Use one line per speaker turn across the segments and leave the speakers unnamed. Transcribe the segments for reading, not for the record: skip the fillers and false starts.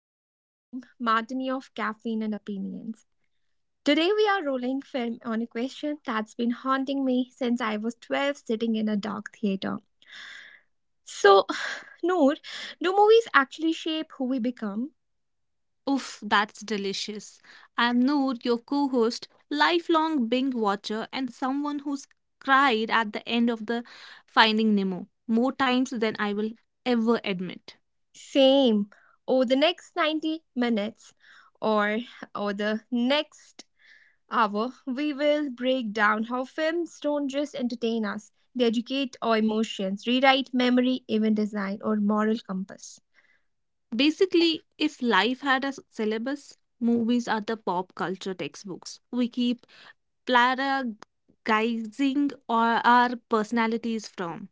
I am Reem, Martini of Caffeine and Opinions. Today we are rolling film on a question that's been haunting me since I was 12 sitting in a dark theater. So, Noor, do movies actually shape who we become?
Oof, that's delicious. I'm Noor, your co host, lifelong Bing watcher, and someone who's cried at the end of the Finding Nemo more times than I will ever admit.
Same. Over the next 90 minutes or over the next hour, we will break down how films don't just entertain us, they educate our emotions, rewrite memory, even design, or moral compass.
Basically, if life had a syllabus, movies are the pop culture textbooks we keep plagiarizing or our personalities from.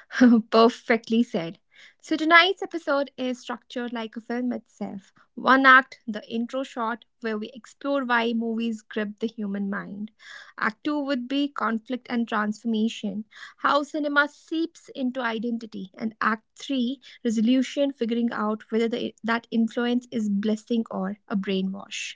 Perfectly said. So, tonight's episode is structured like a film itself. One act, the intro shot, where we explore why movies grip the human mind. Act two would be conflict and transformation, how cinema seeps into identity. And act three, resolution, figuring out whether that influence is blessing or a brainwash.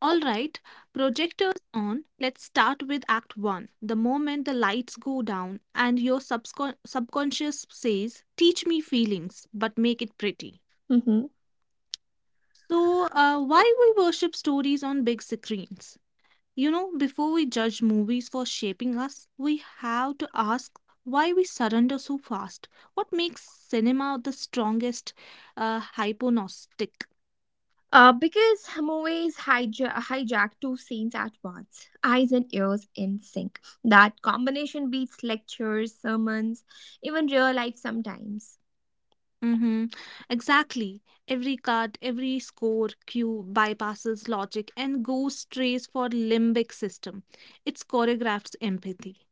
All right, projectors on. Let's start with Act 1. The moment the lights go down and your subconscious says, teach me feelings, but make it pretty.
Mm-hmm.
So, why we worship stories on big screens? You know, before we judge movies for shaping us, we have to ask why we surrender so fast. What makes cinema the strongest hypnosis?
Because movies hijack two scenes at once, eyes and ears in sync. That combination beats lectures, sermons, even real life sometimes.
Mm-hmm. Exactly. Every card, every score cue bypasses logic and goes strays for limbic system. It's choreographed empathy.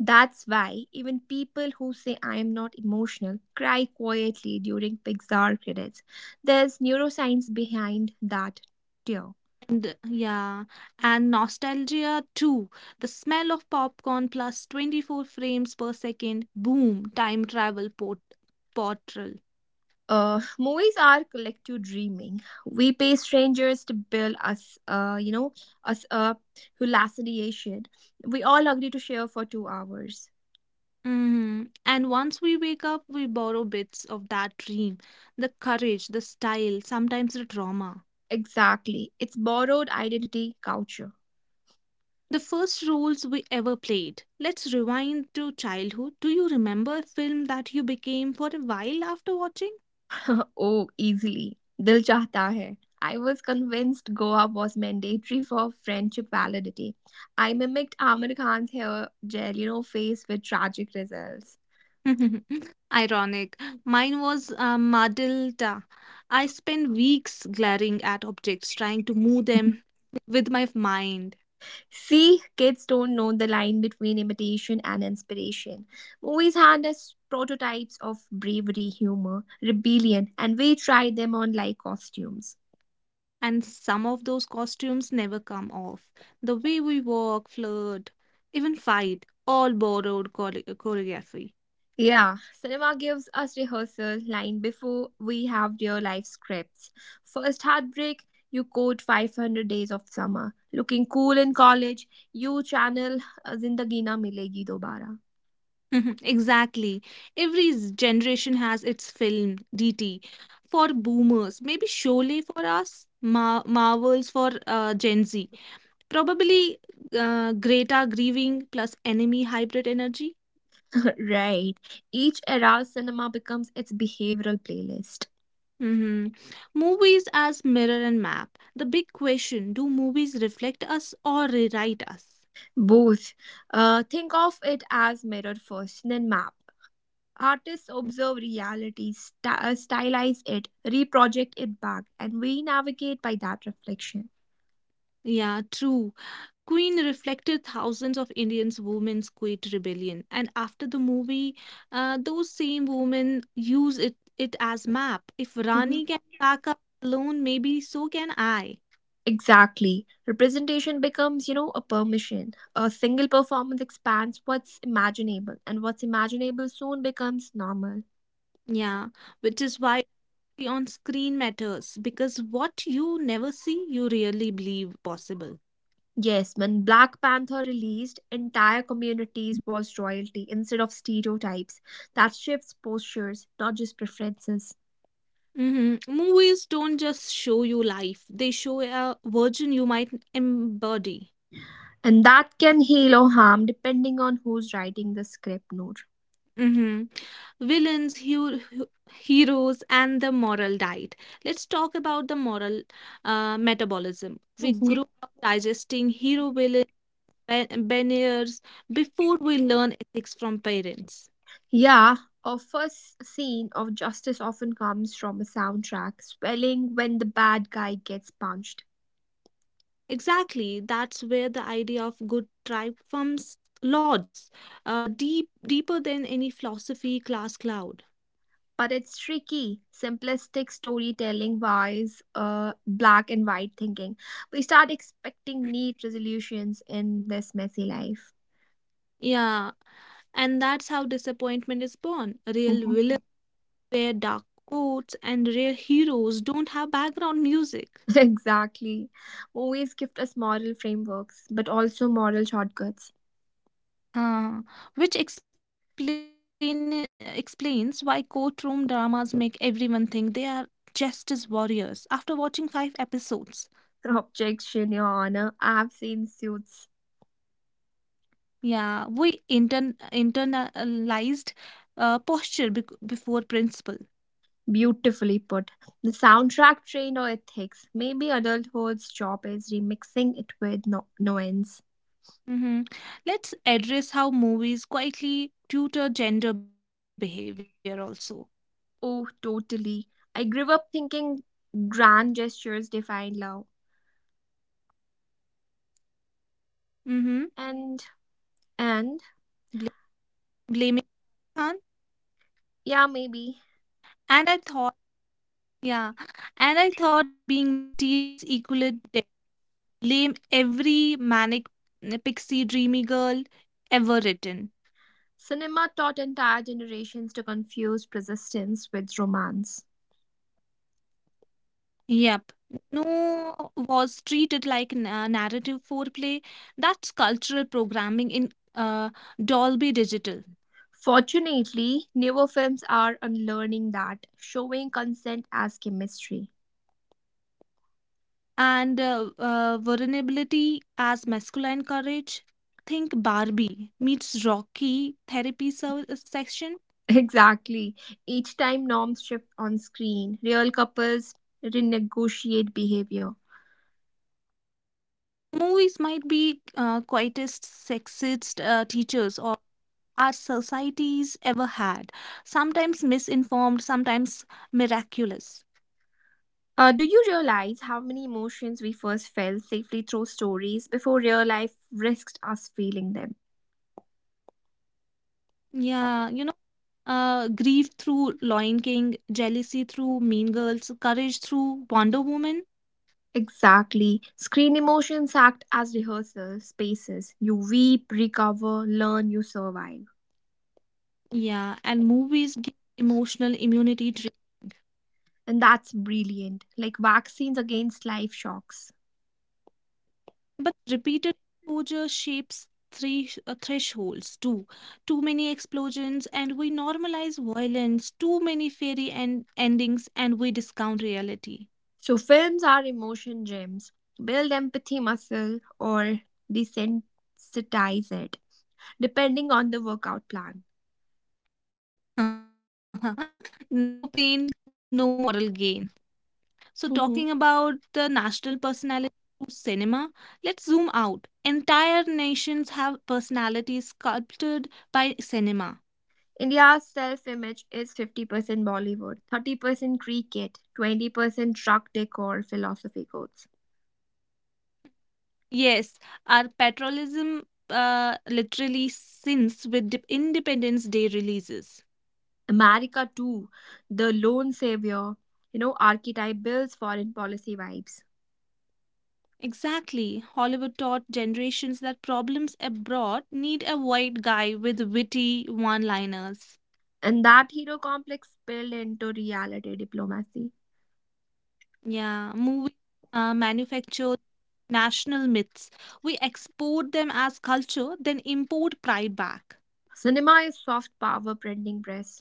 That's why even people who say I am not emotional cry quietly during Pixar credits. There's neuroscience behind that tear.
And yeah, and nostalgia too. The smell of popcorn plus 24 frames per second. Boom, time travel portal.
Movies are collective dreaming. We pay strangers to build us who last. We all agree to share for 2 hours.
Mm-hmm. And once we wake up, we borrow bits of that dream, the courage, the style, sometimes the trauma.
Exactly. It's borrowed identity culture.
The first roles we ever played. Let's rewind to childhood. Do you remember a film that you became for a while after watching?
Oh, easily. Dil chahta hai. I was convinced Goa was mandatory for friendship validity. I mimicked Amir Khan's hair gel, face with tragic results.
Ironic. Mine was Madilda. I spent weeks glaring at objects, trying to move them with my mind.
See, kids don't know the line between imitation and inspiration. Movies hand us prototypes of bravery, humor, rebellion, and we try them on like costumes.
And some of those costumes never come off. The way we walk, flirt, even fight, all borrowed choreography.
Yeah, cinema gives us rehearsal line before we have real life scripts. First heartbreak, you quote 500 days of summer. Looking cool in college, you channel Zindagi na milegi dobara.
exactly. Every generation has its film, DT. For boomers, maybe Sholay; for us, Marvels; for Gen Z, probably Greta Grieving plus enemy hybrid energy.
Right. Each era's cinema becomes its behavioral playlist.
Mhm. Movies as mirror and map. The big question: do movies reflect us or rewrite us?
Both. Think of it as mirror first, then map. Artists observe reality, stylize it, reproject it back, and we navigate by that reflection.
Yeah, true. Queen reflected thousands of Indians' women's quit rebellion, and after the movie, those same women use it as map. If
Mhm.
Rani can pack up alone, maybe so can I.
Exactly. Representation becomes, a permission. A single performance expands what's imaginable, and what's imaginable soon becomes normal.
Yeah, which is why the on screen matters because what you never see, you really believe possible.
Yes, when Black Panther released, entire communities was royalty instead of stereotypes. That shifts postures, not just preferences.
Hmm. Movies don't just show you life; they show a version you might embody.
And that can heal or harm depending on who's writing the script note.
Mm-hmm. Villains, hu- hu- Heroes, and the moral diet. Let's talk about the moral metabolism. We
Mhm.
grow up digesting hero villain banners before we learn ethics from parents.
Yeah, a first scene of justice often comes from a soundtrack, swelling when the bad guy gets punched.
Exactly, that's where the idea of good tribe comes lodges, deep deeper than any philosophy class cloud.
But it's tricky. Simplistic storytelling wise, black and white thinking. We start expecting neat resolutions in this messy life.
Yeah, and that's how disappointment is born. Real
Mhm.
villain wear dark coats, and rare heroes don't have background music.
Exactly. Movies gift us moral frameworks, but also moral shortcuts.
Uh, which explain, explains why courtroom dramas make everyone think they are justice warriors after watching five episodes.
Objection, Your Honor. I have seen suits.
Yeah, we internalized posture before principle.
Beautifully put. The soundtrack trained or ethics. Maybe adulthood's job is remixing it with nuance.
Hmm. Let's address how movies quietly tutor gender behavior also.
Oh, totally. I grew up thinking grand gestures define love.
Mm-hmm.
And, and,
Blaming Khan.
yeah, maybe.
And I thought, yeah, and I thought being mysterious equaled blame every manic pixie dreamy girl ever written.
Cinema taught entire generations to confuse persistence with romance.
Yep. No was treated like narrative foreplay. That's cultural programming in Dolby Digital.
Fortunately, newer films are unlearning that, showing consent as chemistry.
And vulnerability as masculine courage. Think Barbie meets Rocky therapy section.
Exactly. Each time norms shift on screen, real couples renegotiate behavior.
Movies might be quietest, sexist teachers or our societies ever had. Sometimes misinformed, sometimes miraculous.
Do you realize how many emotions we first felt safely through stories before real life risked us feeling them?
Yeah, grief through Lion King, jealousy through Mean Girls, courage through Wonder Woman.
Exactly. Screen emotions act as rehearsal spaces. You weep, recover, learn, you survive.
Yeah, and movies give emotional immunity.
And that's brilliant, like vaccines against life shocks.
But repeated exposure shapes three thresholds too. Too many explosions, and we normalize violence. Too many endings, and we discount reality.
So, films are emotion gems. Build empathy muscle or desensitize it, depending on the workout plan.
No pain, no moral gain. So, talking about the national personality through cinema, let's zoom out. Entire nations have personalities sculpted by cinema.
India's self image is 50% Bollywood, 30% cricket, 20% truck decor, philosophy quotes.
Yes, our patriotism literally sins with dip Independence Day releases.
America, too, the lone savior, archetype builds foreign policy vibes.
Exactly. Hollywood taught generations that problems abroad need a white guy with witty one-liners.
And that hero complex spilled into reality diplomacy.
Yeah, movies manufacture national myths. We export them as culture, then import pride back.
Cinema is soft power printing press.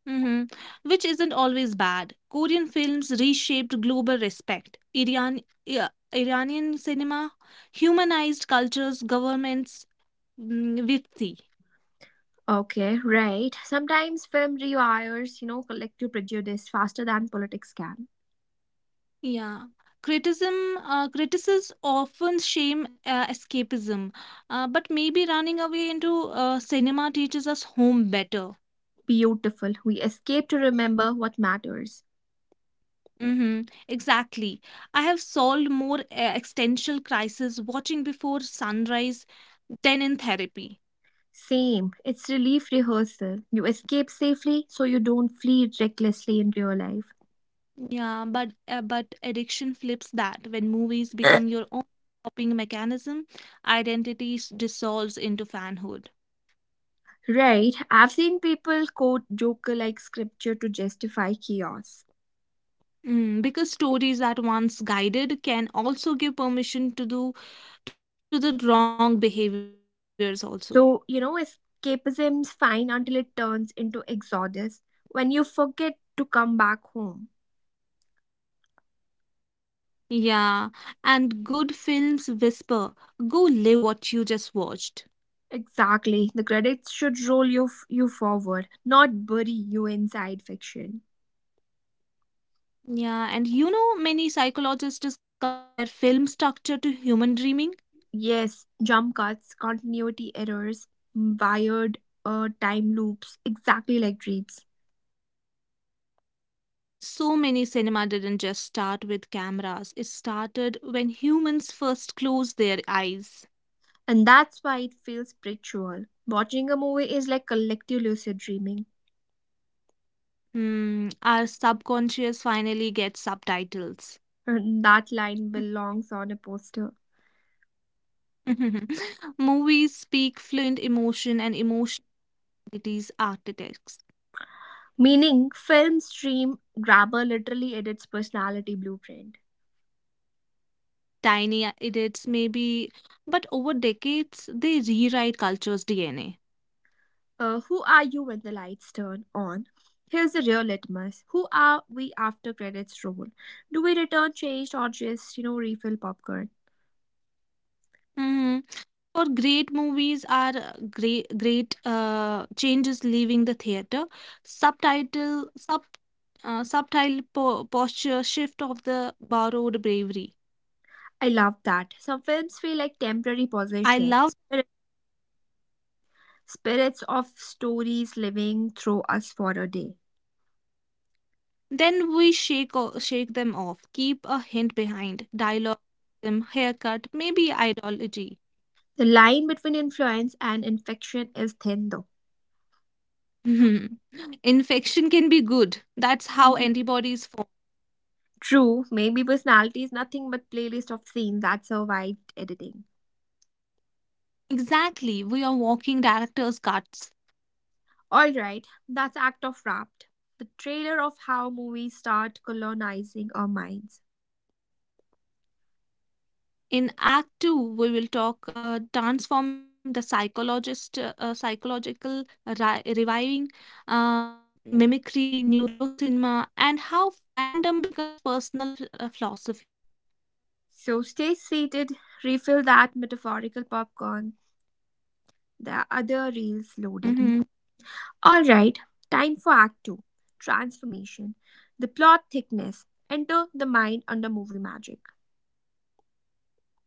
Hmm. Which isn't always bad. Korean films reshaped global respect. Iran, yeah, Iranian cinema humanized cultures, governments, mm, with the
Okay, right. Sometimes film rewires, collective prejudice faster than politics can.
yeah. Criticism, critics often shame escapism, but maybe running away into cinema teaches us home better.
Beautiful. We escape to remember what matters.
Mm-hmm. Exactly. I have solved more existential crises watching before sunrise than in therapy.
Same. It's relief rehearsal. You escape safely so you don't flee recklessly in real life.
Yeah, but addiction flips that. When movies become your own coping mechanism, identity dissolves into fanhood.
Right. I've seen people quote Joker like scripture to justify chaos.
Mm, because stories that once guided can also give permission to do to the wrong behaviors also.
So, escapism's fine until it turns into exodus when you forget to come back home.
Yeah, and good films whisper, go live what you just watched.
Exactly. The credits should roll you forward, not bury you inside fiction.
Yeah, and you know many psychologists compare film structure to human dreaming.
Yes, jump cuts, continuity errors, wired time loops, exactly like dreams.
So many cinema didn't just start with cameras; it started when humans first closed their eyes.
And that's why it feels spiritual. Watching a movie is like collective lucid dreaming.
Hmm, our subconscious finally gets subtitles.
And that line belongs on a poster.
Movies speak fluent emotion, and emotion entities architects
Meaning, film stream grabber literally edits personality blueprint.
tiny edits maybe, but over decades they rewrite culture's DNA.
Who are you when the lights turn on? Here's the real litmus. Who are we after credits roll? Do we return changed or just, refill popcorn?
Hmm. For great movies are great changes leaving the theater. Subtitle sub Subtitle posture shift of the borrowed bravery.
I love that. Some films feel like temporary
I
possession,
love.
spirits of stories living through us for a day.
Then we shake them off. Keep a hint behind dialogue, rhythm, haircut, maybe ideology.
The line between influence and infection is thin, though.
Mhm. Infection can be good. That's how
Mhm.
antibodies form.
True, maybe personality is nothing but playlist of scenes that survived editing.
Exactly. We are walking director's cuts.
All right, that's act of wrapped. The trailer of how movies start colonizing our minds.
In Act 2, we will talk transformation, the psychological reviving, mimicry, neurocinema, and how fandom becomes personal philosophy.
So stay seated, refill that metaphorical popcorn. The other reels
Mhm.
loading. Alright, time for Act 2, Transformation. The plot thickness. Enter the mind under movie magic.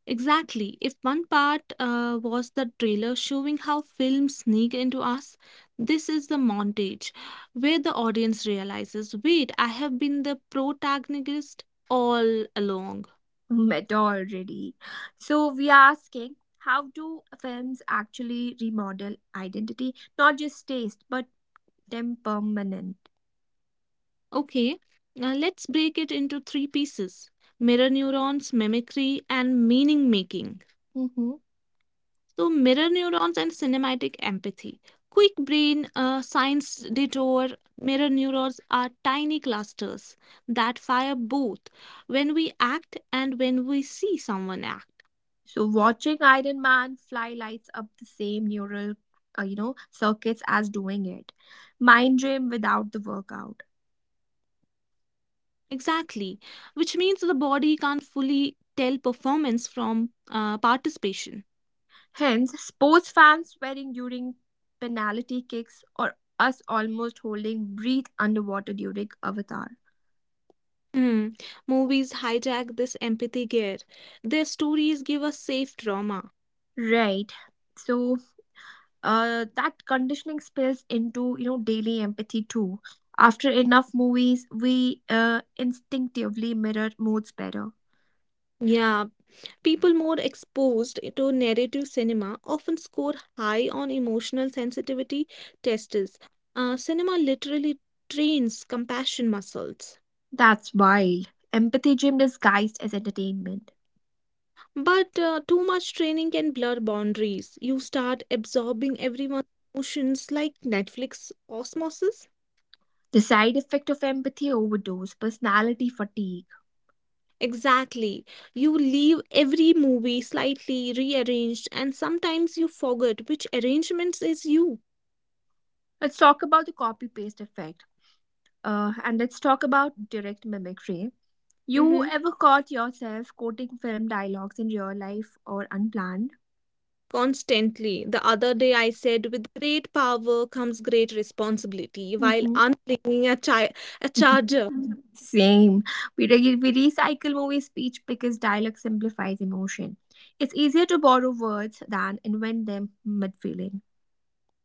Exactly. If one part was the trailer showing how films sneak into us, this is the montage where the audience realizes wait, I have been the protagonist all along.
Meta already. So, we are asking how do films actually remodel identity? Not just taste, but temperament.
Okay, now let's break it into three pieces: mirror neurons, mimicry, and meaning making.
Mhm.
So, mirror neurons and cinematic empathy. Quick brain science detour: mirror neurons are tiny clusters that fire both when we act and when we see someone act.
So, watching Iron Man fly lights up the same circuits as doing it. Mind dream without the workout.
Exactly, which means the body can't fully tell performance from participation.
Hence, sports fans swearing during penalty kicks or us almost holding breath underwater during Avatar.
Hmm. Movies hijack this empathy gear. Their stories give us safe drama.
Right. So that conditioning spills into daily empathy too. After enough movies, we instinctively mirror moods better.
Yeah, people more exposed to narrative cinema often score high on emotional sensitivity tests. Cinema literally trains compassion muscles.
That's wild. Empathy gym disguised as entertainment.
But too much training can blur boundaries. You start absorbing everyone's emotions like Netflix osmosis.
The side effect of empathy overdose, personality fatigue.
Exactly. You leave every movie slightly rearranged, and sometimes you forget which arrangements is you.
Let's talk about the copy paste effect. And let's talk about direct mimicry. You
Hmm.
ever caught yourself quoting film dialogues in real life or unplanned?
Constantly. The other day I said, with great power comes great responsibility, while
Hmm.
unplugging a charger.
Same. We recycle movie speech because dialogue simplifies emotion. It's easier to borrow words than invent them mid feeling,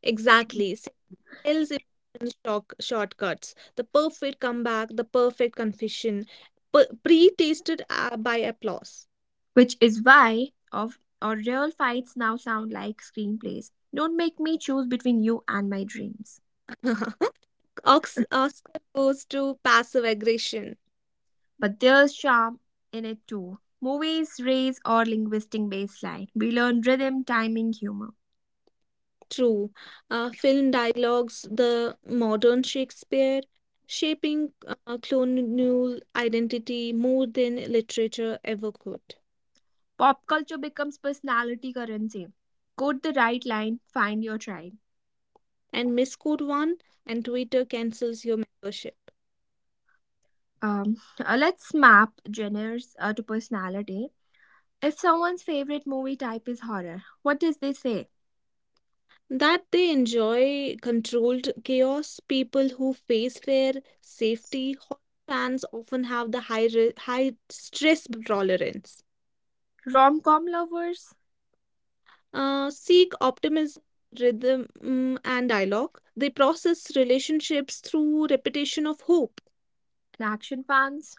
Exactly. Sales emotions shortcuts. The perfect comeback, the perfect confession, pre tasted by applause.
which is why of our real fights now sound like screenplays. Don't make me choose between you and my dreams.
Oscar goes to passive aggression.
But there's charm in it too. Movies raise our linguistic baseline. We learn rhythm, timing, humor.
True. Film dialogues, the modern Shakespeare, shaping colonial identity more than literature ever could.
Pop culture becomes personality currency. Quote the right line, find your tribe.
And misquote one, and Twitter cancels your membership.
Um, let's map genres to personality. If someone's favorite movie type is horror, what does they say?
That they enjoy controlled chaos, people who face fair safety, horror fans often have the high stress tolerance.
Rom com lovers,
Uh, seek optimism, rhythm, mm, and dialogue. They process relationships through repetition of hope.
and action fans,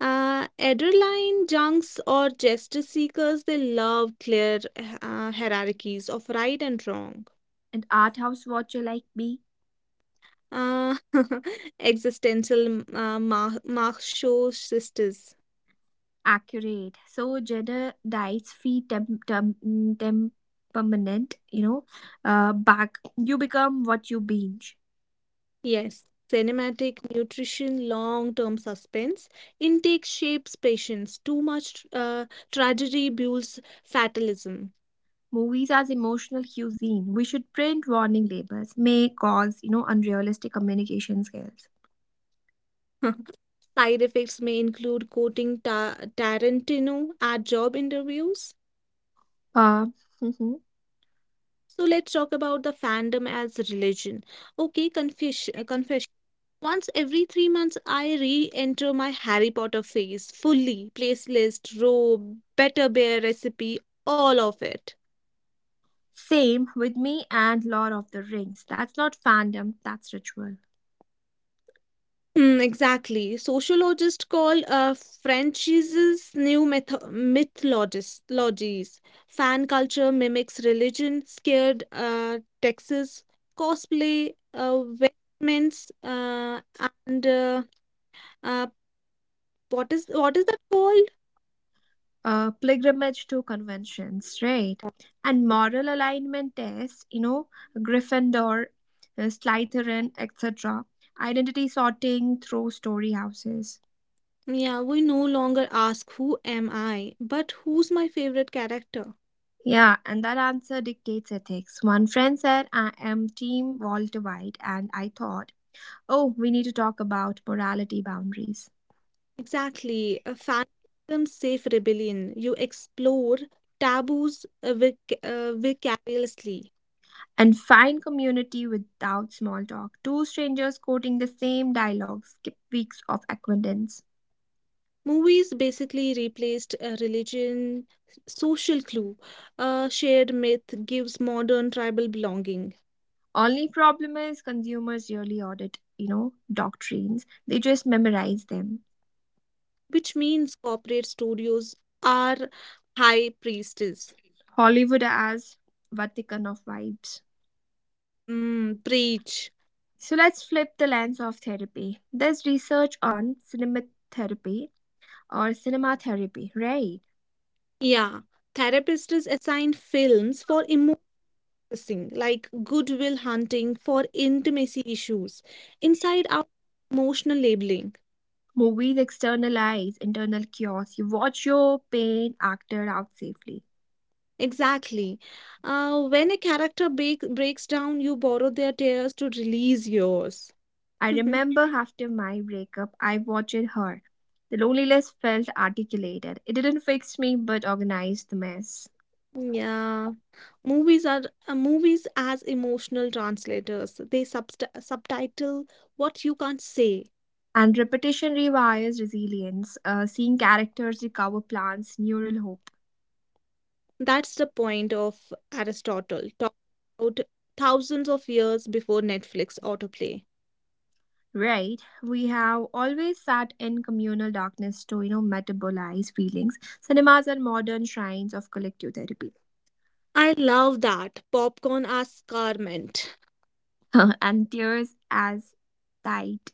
Ederline junks or justice seekers, they love clear hierarchies of right and wrong.
and art house watcher like me.
Uh, existential macho sisters.
Accurate. So Jedi's fee temperament, back. You become what you binge.
Yes. Cinematic nutrition, long term suspense. Intake shapes patience. Too much tragedy builds fatalism.
Movies as emotional cuisine. We should print warning labels. May cause, unrealistic communication skills.
Side effects may include quoting Tarantino at job interviews.
Uh, mhm.
So let's talk about the fandom as religion. Okay, confession. Once every 3 months, I re enter my Harry Potter phase fully. Place list, robe, better bear recipe, all of it.
Same with me and Lord of the Rings. That's not fandom, that's ritual.
Hmm, exactly. Sociologists call franchises new mythologies. Fan culture mimics religion, scared Texas, cosplay, weddings, and uh, what is that called?
Uh, pilgrimage to conventions, right? And moral alignment tests, Gryffindor, Slytherin, etc. Identity sorting through story houses.
Yeah, we no longer ask who am I, but who's my favorite character.
Yeah, and that answer dictates ethics. One friend said, I am Team Walter White, and I thought, oh, we need to talk about morality boundaries.
Exactly, a phantom safe rebellion. You explore taboos vicariously.
And find community without small talk. Two strangers quoting the same dialogue skip weeks of acquaintance.
Movies basically replaced religion, social clue, a shared myth gives modern tribal belonging,
Only problem is consumers really audit, doctrines. They just memorize them.
which means corporate studios are high priestess.
Hollywood as Vatican of vibes.
Mm, preach.
So let's flip the lens of therapy. There's research on cinema therapy or cinema therapy, right?
Yeah, therapists assign films for processing, like goodwill hunting for intimacy issues, inside out emotional labeling.
Movies externalize internal chaos. You watch your pain acted out safely.
Exactly. When a breaks down, you borrow their tears to release yours.
I remember after my breakup, I watched her. The loneliness felt articulated. It didn't fix me but organized the mess.
Yeah, movies are movies as emotional translators. They subst subtitle what you can't say.
And repetition rewires resilience, seeing characters recover plants, neural hope.
That's the point of Aristotle, talked about thousands of years before Netflix autoplay.
Right, we have always sat in communal darkness to, metabolize feelings. Cinemas are modern shrines of collective therapy.
I love that popcorn as garment.
And tears as tight.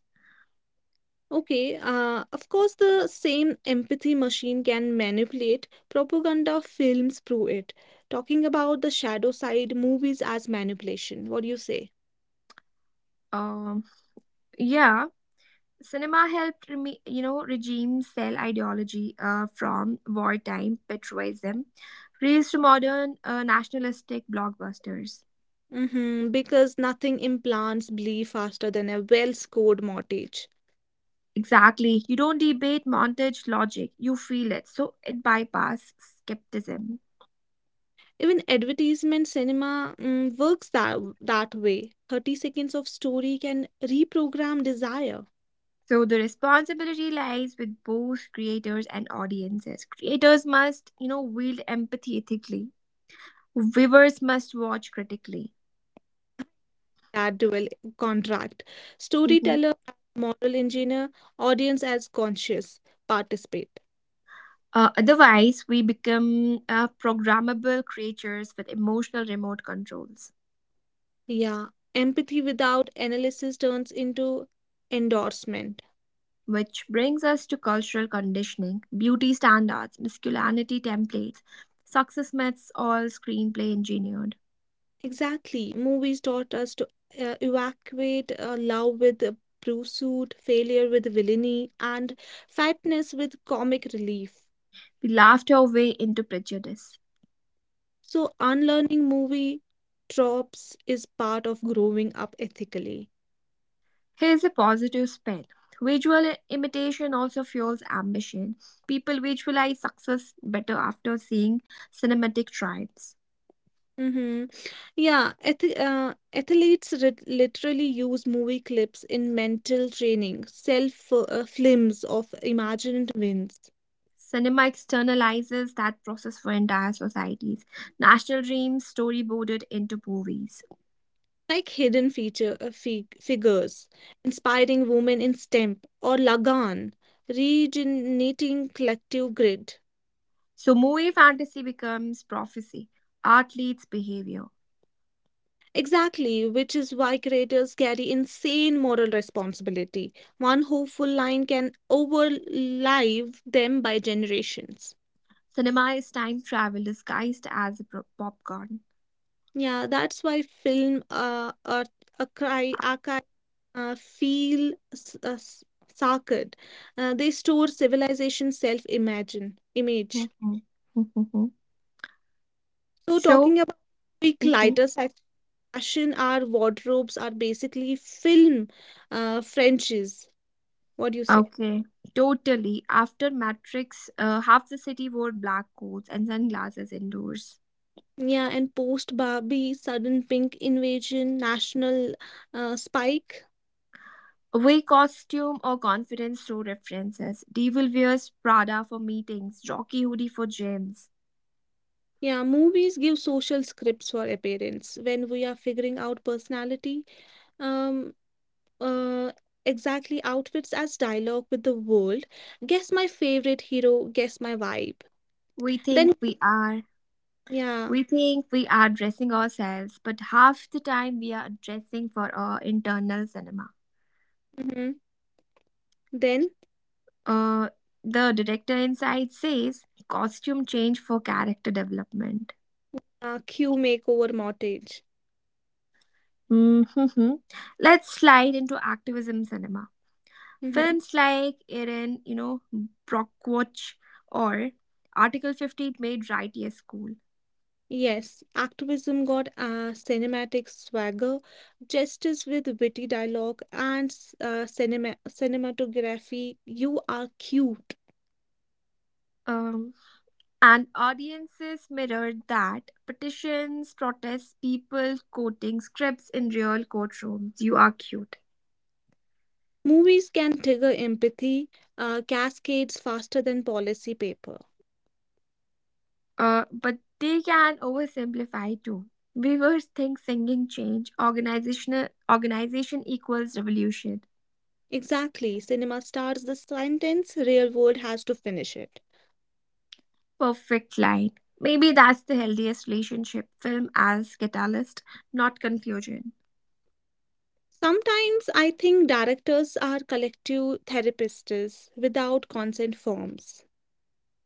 Okay, of course, the same empathy machine can manipulate. Propaganda films prove it. Talking about the shadow side, movies as manipulation. What do you say?
Um, yeah, cinema helped, regime cell ideology from wartime patriotism, raised to modern nationalistic blockbusters.
Mm-hmm, because nothing implants belief faster than a well-scored mortgage.
Exactly. You don't debate montage logic, you feel it. So it bypasses skepticism.
Even advertisement cinema mm, works that way. 30 seconds of story can reprogram desire.
So the responsibility lies with both creators and audiences. Creators must, wield empathy ethically. Viewers must watch critically.
That dual contract.
Mhm.
Storyteller as moral engineer, audience as conscious participate.
Otherwise, we become programmable creatures with emotional remote controls.
Yeah, empathy without analysis turns into endorsement.
Which brings us to cultural conditioning, beauty standards, masculinity templates, success myths, all screenplay engineered.
Exactly. Movies taught us to evacuate love with pursuit, failure with villainy, and fatness with comic relief.
We laughed our way into prejudice.
So, unlearning movie tropes is part of growing up ethically.
Here's a positive spin. Visual imitation also fuels ambition. People visualize success better after seeing cinematic tribes.
Mm-hmm. Yeah, athletes literally use movie clips in mental training, self films of imagined wins,
Cinema externalizes that process for entire societies. National dreams storyboarded into movies.
like hidden feature fig figures, inspiring women in STEM or Lagan, regenerating collective grid.
So, movie fantasy becomes prophecy. Art leads behavior.
Exactly, which is why creators carry insane moral responsibility. One hopeful line can overlive them by generations.
Cinema is time travel disguised as a popcorn.
Yeah, that's why film or a cry archive feel sacred. They store civilization self imagine image.
Mhm. Mhm.
So
So,
talking about quick lighter sec- fashion, our wardrobes are basically film Frenches. What do you say?
Okay, totally. After Matrix, half the city wore black coats and sunglasses indoors.
Yeah, and post Barbie sudden pink invasion, national spike.
We costume or confidence show references. Devil wears Prada for meetings, Jockey hoodie for gyms.
Yeah, movies give social scripts for appearance when we are figuring out personality. Um, uh, exactly outfits as dialogue with the world. Guess my favorite hero, guess my vibe.
We think
Then,
we are.
yeah,
We think we are dressing ourselves, but half the time we are dressing for our internal cinema.
hmm then
Uh, the director inside says costume change for character development.
Q makeover mortgage.
Hmm. Let's slide into activism cinema.
hmm
Films like Erin, Brockwatch or Article 50 made right here school.
Yes, activism got cinematic swagger, justice with witty dialogue, and cinematography. You are cute.
Um, And audiences mirrored that petitions, protests, people quoting scripts in real courtrooms. You are cute.
Movies can trigger empathy, cascades faster than policy paper.
But they can oversimplify too. Viewers think singing change, organization equals revolution.
Exactly. Cinema starts the sentence, real world has to finish it.
Perfect line. Maybe that's the healthiest relationship film as catalyst, not conclusion.
Sometimes I think directors are collective therapists without consent forms.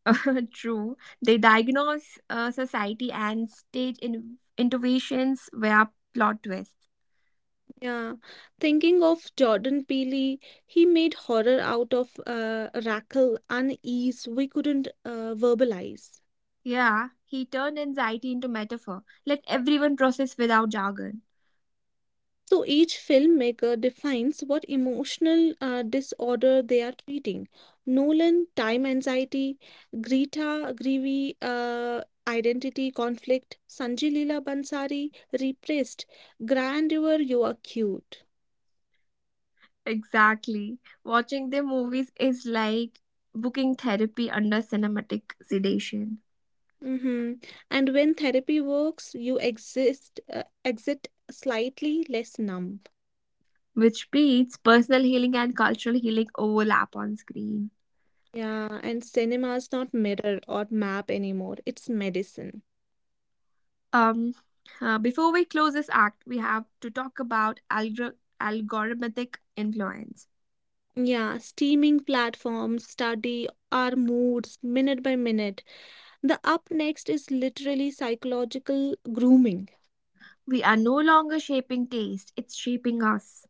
True. They diagnose society and stage innovations via plot twists.
Yeah. Thinking of Jordan Peele, he made horror out of rackle unease we couldn't verbalize.
Yeah, he turned anxiety into metaphor. Let everyone process without jargon.
So each filmmaker defines what emotional disorder they are treating. Nolan, time anxiety, Greevy, identity conflict, Sanjay Leela Bansari, repressed, grandeur, you are cute.
Exactly. Watching the movies is like booking therapy under cinematic sedation,
hmm And when therapy works, you exit slightly less numb.
which beats personal healing and cultural healing overlap on screen.
Yeah, and cinema is not mirror or map anymore, it's medicine.
Um, before we close this act, we have to talk about algorithmic influence.
Yeah, streaming platforms study our moods minute by minute. The up next is literally psychological grooming.
We are no longer shaping taste, it's shaping us.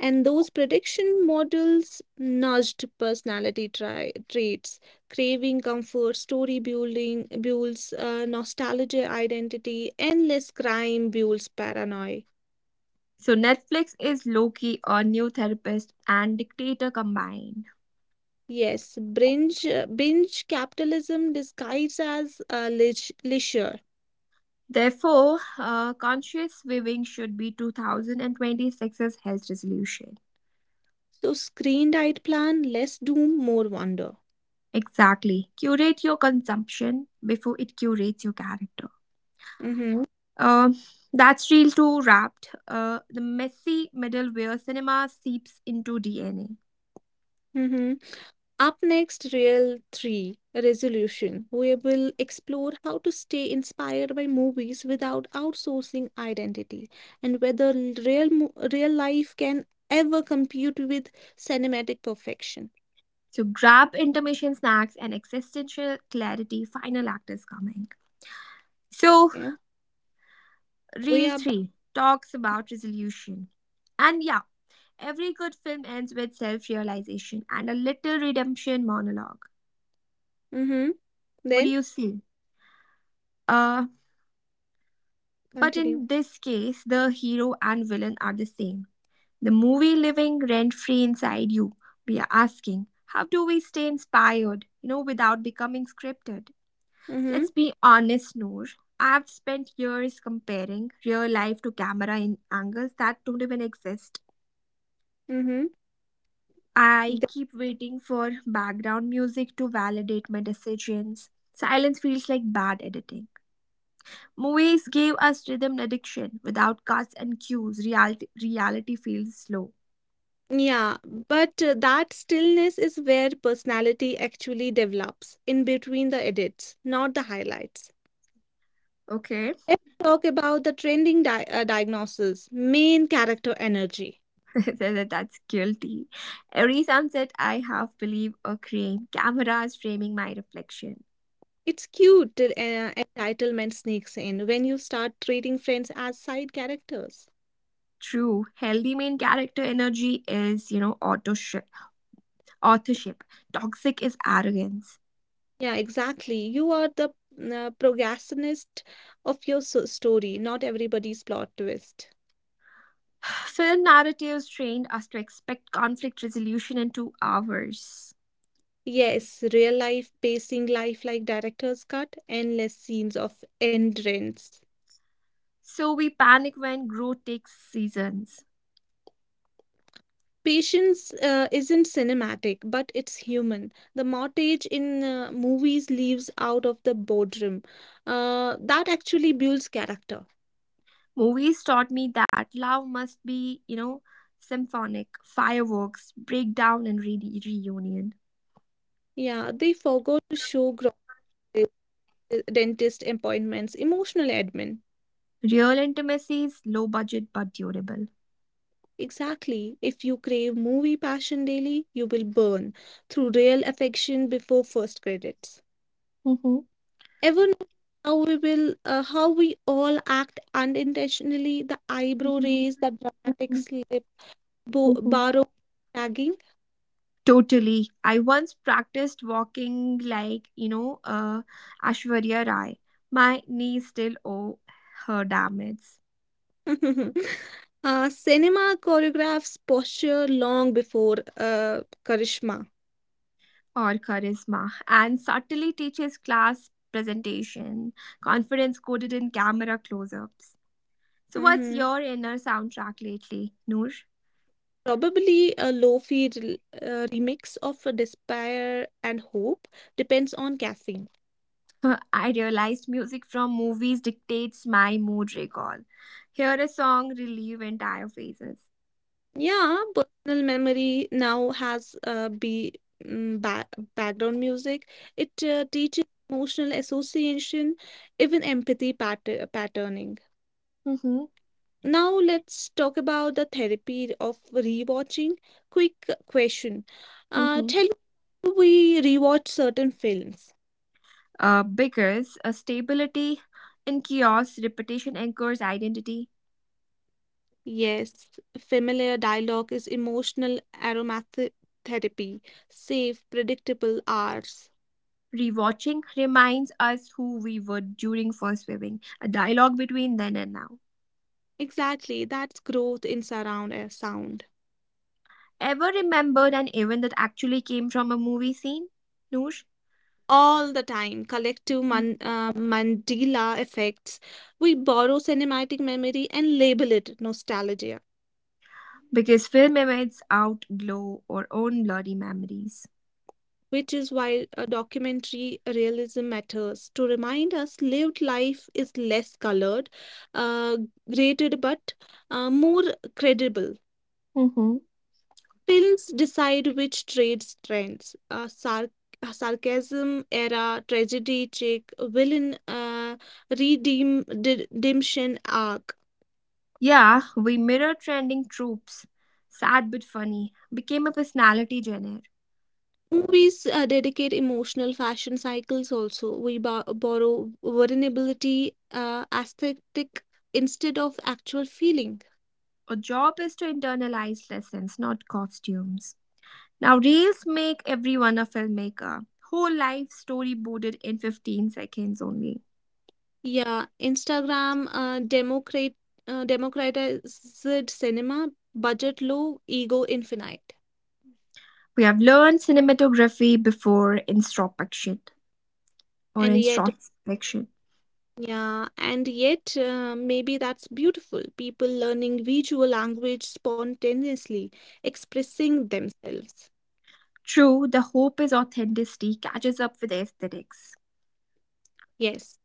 And those prediction models nudged traits, craving comfort, story building builds nostalgia identity, endless crime builds paranoia.
So Netflix is Loki, a new therapist, and dictator combined.
Yes, binge capitalism disguised as leisure.
Therefore, conscious viewing should be 2026's health resolution.
So, screen diet plan, less doom, more wonder.
Exactly. Curate your consumption before it curates your character.
Mm-hmm.
Uh, that's real too wrapped. The messy middle where cinema seeps into DNA.
Mm-hmm. Up next, Real 3 Resolution. We will explore how to stay inspired by movies without outsourcing identity and whether real life can ever compete with cinematic perfection.
So grab intermission snacks and existential clarity. Final act is coming. So,
Yeah. We
reel
are.
three talks about resolution. And yeah, every good film ends with self realization and a little redemption monologue.
Mm-hmm.
What do
Then
you see? Uh, but
continue.
in this case, the hero and villain are the same. The movie living rent free inside you. We are asking, how do we stay inspired, you know, without becoming scripted?
Mm-hmm.
Let's be honest, Noor. I've spent years comparing real life to camera in angles that don't even exist.
Mm-hmm.
I
Th-
keep waiting for background music to validate my decisions. Silence feels like bad editing. Movies gave us rhythm addiction. Without cuts and cues, reality feels slow.
Yeah, but that stillness is where personality actually develops in between the edits, not the highlights.
Okay.
Let's talk about the trending diagnosis, main character energy.
That's guilty. Every sunset, I half believe a crane. Cameras framing my reflection.
It's cute till entitlement sneaks in when you start treating friends as side characters.
True, healthy main character energy is, you know, authorship. Authorship. Toxic is arrogance.
Yeah, exactly. You are the protagonist of your story, not everybody's plot twist.
Film narratives trained us to expect conflict resolution in 2 hours.
Yes, real life pacing life like director's cut, endless scenes of endurance.
So we panic when growth takes seasons.
Patience isn't cinematic, but it's human. The mortgage in movies leaves out of the boardroom. That actually builds character.
Movies taught me that love must be, you know, symphonic, fireworks, breakdown, and reunion.
Yeah, they forgot to show groceries, dentist appointments, emotional admin.
Real intimacy is low budget but durable.
Exactly. If you crave movie passion daily, you will burn through real affection before first credits.
Mhm.
Ever notice how we all act unintentionally? The eyebrow raise, the dramatic slip
Mhm.
borrowed tagging?
Totally. I once practiced walking like, you know, Ashwarya Rai. My knees still owe her damage
Cinema choreographs posture long before Karishma.
or charisma and subtly teaches class presentation, confidence coded in camera close ups. So, what's
hmm
your inner soundtrack lately, Noor?
Probably a remix of a Despair and Hope depends on caffeine.
I realized music from movies dictates my mood recall. Hear a song, relieve entire phases.
Yeah, personal memory now has mm, ba- background music. It teaches emotional association, even patterning.
Mm-hmm,
Now let's talk about the therapy of rewatching. Quick question.
mm-hmm.
Tell me how we rewatch certain films.
Because stability in chaos, repetition anchors identity.
Yes, familiar dialogue is emotional aromatherapy. Therapy. Safe, predictable hours.
Rewatching reminds us who we were during first viewing. A dialogue between then and now.
Exactly, that's growth in surround air sound.
Ever remembered an event that actually came from a movie scene, Noor?
All the time, Mandela effects. We borrow cinematic memory and label it nostalgia.
Because film images outglow our own blurry memories.
Which is why a documentary realism matters to remind us lived life is less colored, uh, graded, but more credible.
Mm-hmm.
Films decide which trades trends. Sarcasm era, tragedy check, villain redemption arc.
Yeah, we mirror trending tropes. Sad but funny became a personality genre.
Movies dedicate emotional fashion cycles also. We borrow vulnerability, aesthetic instead of actual feeling.
Our job is to internalize lessons, not costumes. Now, reels make everyone a filmmaker. Whole life storyboarded in 15 seconds only.
Yeah, Instagram democratized cinema, budget low, ego infinite.
We have learned cinematography before introspection or
And yet,
introspection.
yeah, and yet maybe that's beautiful. People learning visual language spontaneously, expressing themselves.
True, the hope is authenticity catches up with aesthetics.
Yes.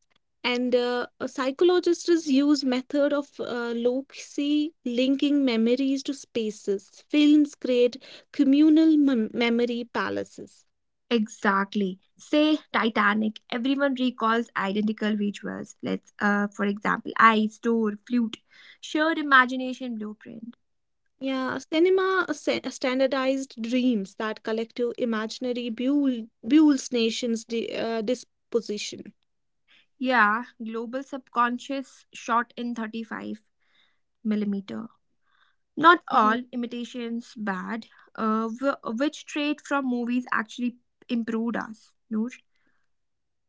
And a psychologist use method of loci linking memories to spaces. Films create memory palaces.
Exactly. Say Titanic. Everyone recalls identical visuals. Let's, for example, eyes, door, flute, shared imagination blueprint.
Yeah, standardized dreams that collective imaginary builds nations disposition.
Yeah, global subconscious shot in 35 millimeter. Not
Mhm.
all imitations bad. Which trait from movies actually improved us? Noor?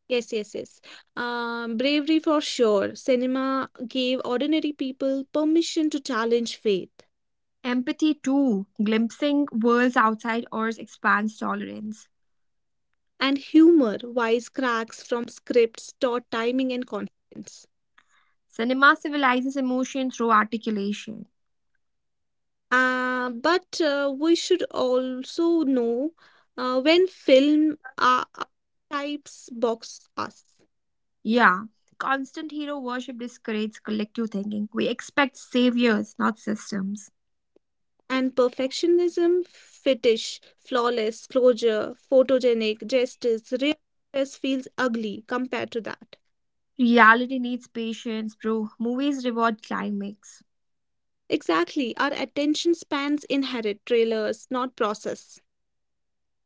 Yes, yes, yes. Bravery for sure. Cinema gave ordinary people permission to challenge faith.
Empathy too. Glimpsing worlds outside ours expands tolerance.
And humor, wisecracks from scripts, taught timing and confidence.
Cinema civilizes emotion through articulation.
But We should also know when film types box us.
Yeah. Constant hero worship discourages collective thinking. We expect saviors, not systems.
And perfectionism, fetish, flawless, closure, photogenic, justice, real progress feels ugly compared to that.
Reality needs patience, bro. Movies reward climax.
Exactly, our attention spans inherit trailers, not process.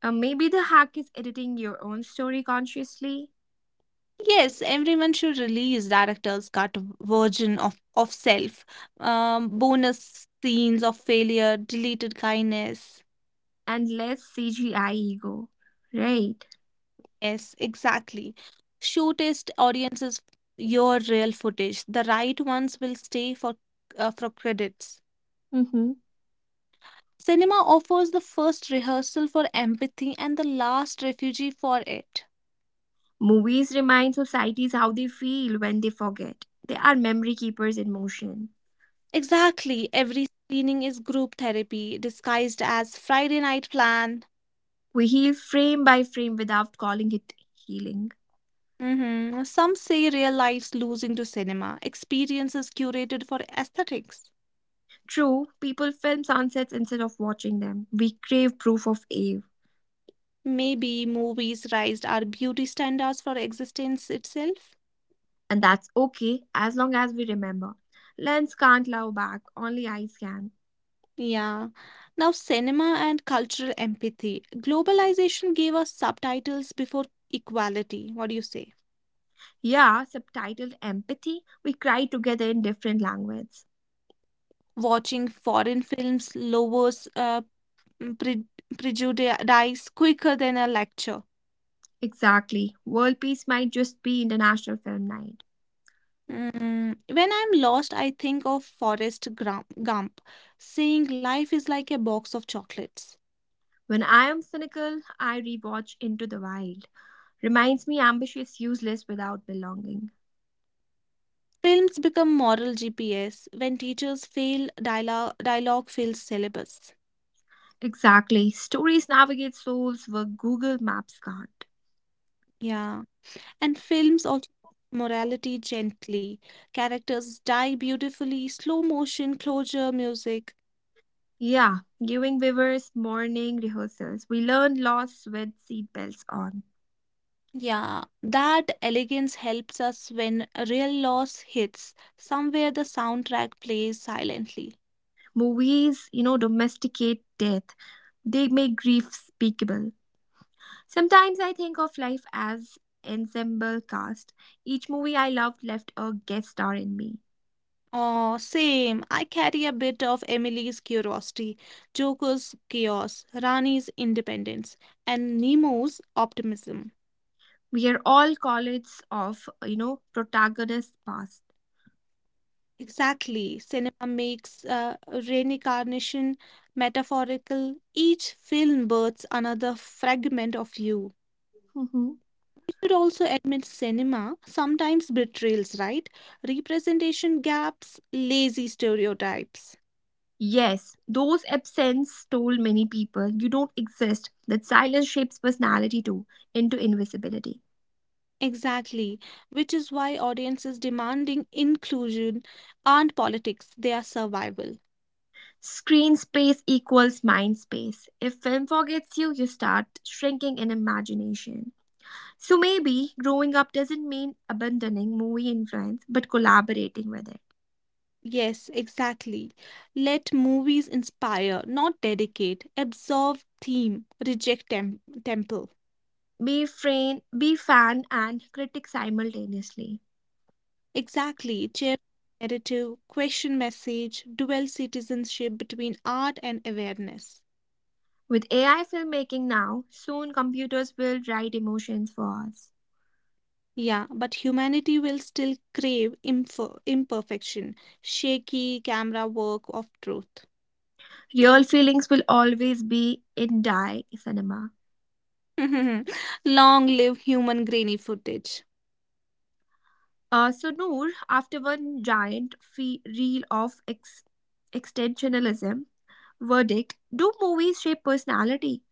Maybe the hack is editing your own story consciously.
Yes, everyone should release director's cut version of self, bonus scenes of failure, deleted kindness.
And less CGI ego, right?
Yes, exactly. Show test audiences your real footage. The right ones will stay for credits.
Mm-hmm.
Cinema offers the first rehearsal for empathy and the last refuge for it.
Movies remind societies how they feel when they forget. They are memory keepers in motion.
Exactly, every screening is group therapy disguised as Friday night plan.
We heal frame by frame without calling it healing.
Some say real life's losing to cinema, experiences curated for aesthetics.
True, people film sunsets instead of watching them. We crave proof of Ave,
Maybe movies raised our beauty standards for existence itself.
and that's okay as long as we remember. Lens can't love back, only eyes can.
Yeah. Now, cinema and cultural empathy. Globalization gave us subtitles before equality. What do you say?
Yeah, subtitled empathy, we cry together in different language.
Watching foreign films lowers pre- prejudice quicker than a lecture.
Exactly. World peace might just be international film night.
Mm, when I'm lost, I think of Gump saying life is like a box of chocolates.
When I am cynical, I rewatch Into the Wild. Reminds me ambitious, useless without belonging.
Films become moral GPS. When teachers fail, dialogue fails. Syllabus.
Exactly. Stories navigate souls where Google Maps can't.
Yeah. And films also morality gently. Characters die beautifully, slow motion, closure, music.
Yeah, giving viewers morning rehearsals. We learn loss with seatbelts on.
Yeah. That elegance helps us when a real loss hits. Somewhere the soundtrack plays silently.
Movies, you know, domesticate death. They make grief speakable. Sometimes I think of life as ensemble cast. Each movie I loved left a guest star in me.
Oh, same. I carry a bit of Emily's curiosity, Joker's chaos, Rani's independence, and Nemo's optimism.
We are all colleagues of, you know, protagonists past.
Exactly. Cinema makes reincarnation metaphorical. Each film births another fragment of you.
Mhm.
We should also admit cinema sometimes betrays, right? Representation gaps, lazy stereotypes.
Yes, those absence told many people you don't exist. That silence shapes personality too into invisibility.
Exactly, which is why audiences demanding inclusion aren't politics, they are survival.
Screen space equals mind space. If film forgets you, you start shrinking in imagination. So maybe growing up doesn't mean abandoning movie influence, but collaborating with it.
Yes, exactly. Let movies inspire, not dedicate, absorb theme, reject temple.
Be friend, be fan, and critic simultaneously.
Exactly, chair narrative, question message, dual citizenship between art and awareness.
With AI filmmaking now, soon computers will write emotions for us.
Yeah, but humanity will still crave imperfection, shaky camera work of truth.
Real feelings will always be in die cinema.
Long live human grainy footage.
So Noor, after one giant reel of extensionalism verdict, do movies shape personality?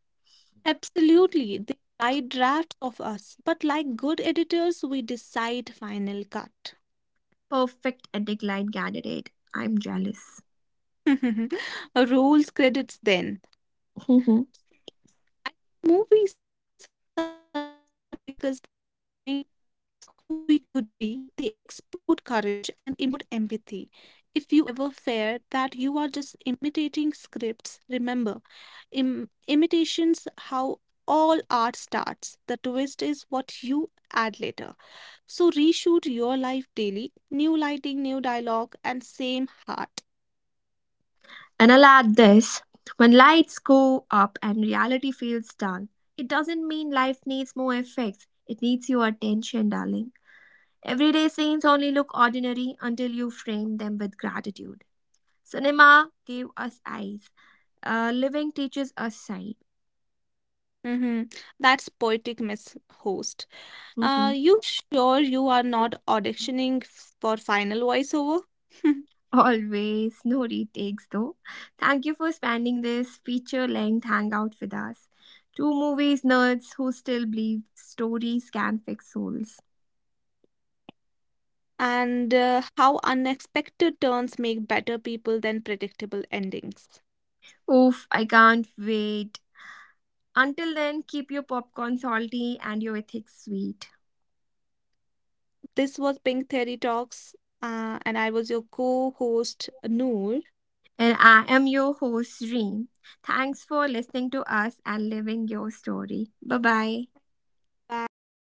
Absolutely, they write drafts of us, but like good editors, we decide final cut.
Perfect and decline candidate. I'm jealous.
Rules credits then. I think movies succeed because they remind us who we could be. They export courage and import empathy. If you ever fear that you are just imitating scripts, remember imitations how all art starts. The twist is what you add later. So reshoot your life daily. New lighting, new dialogue, and same heart.
And I'll add this, when lights go up and reality feels dull, it doesn't mean life needs more effects. It needs your attention, darling. Everyday scenes only look ordinary until you frame them with gratitude. Cinema gave us eyes, living teaches us sight.
hmm That's poetic, Miss Host.
Mhm.
You sure you are not auditioning for final voiceover?
Always, no retakes though. Thank you for spending this feature length hangout with us. Two movies nerds who still believe stories can fix souls.
And how unexpected turns make better people than predictable endings.
Oof, I can't wait. Until then, keep your popcorn salty and your ethics sweet.
This was Pink Theory Talks, and I was your co host, Noor.
And I am your host, Reem. Thanks for listening to us and living your story. Bye bye.
Bye.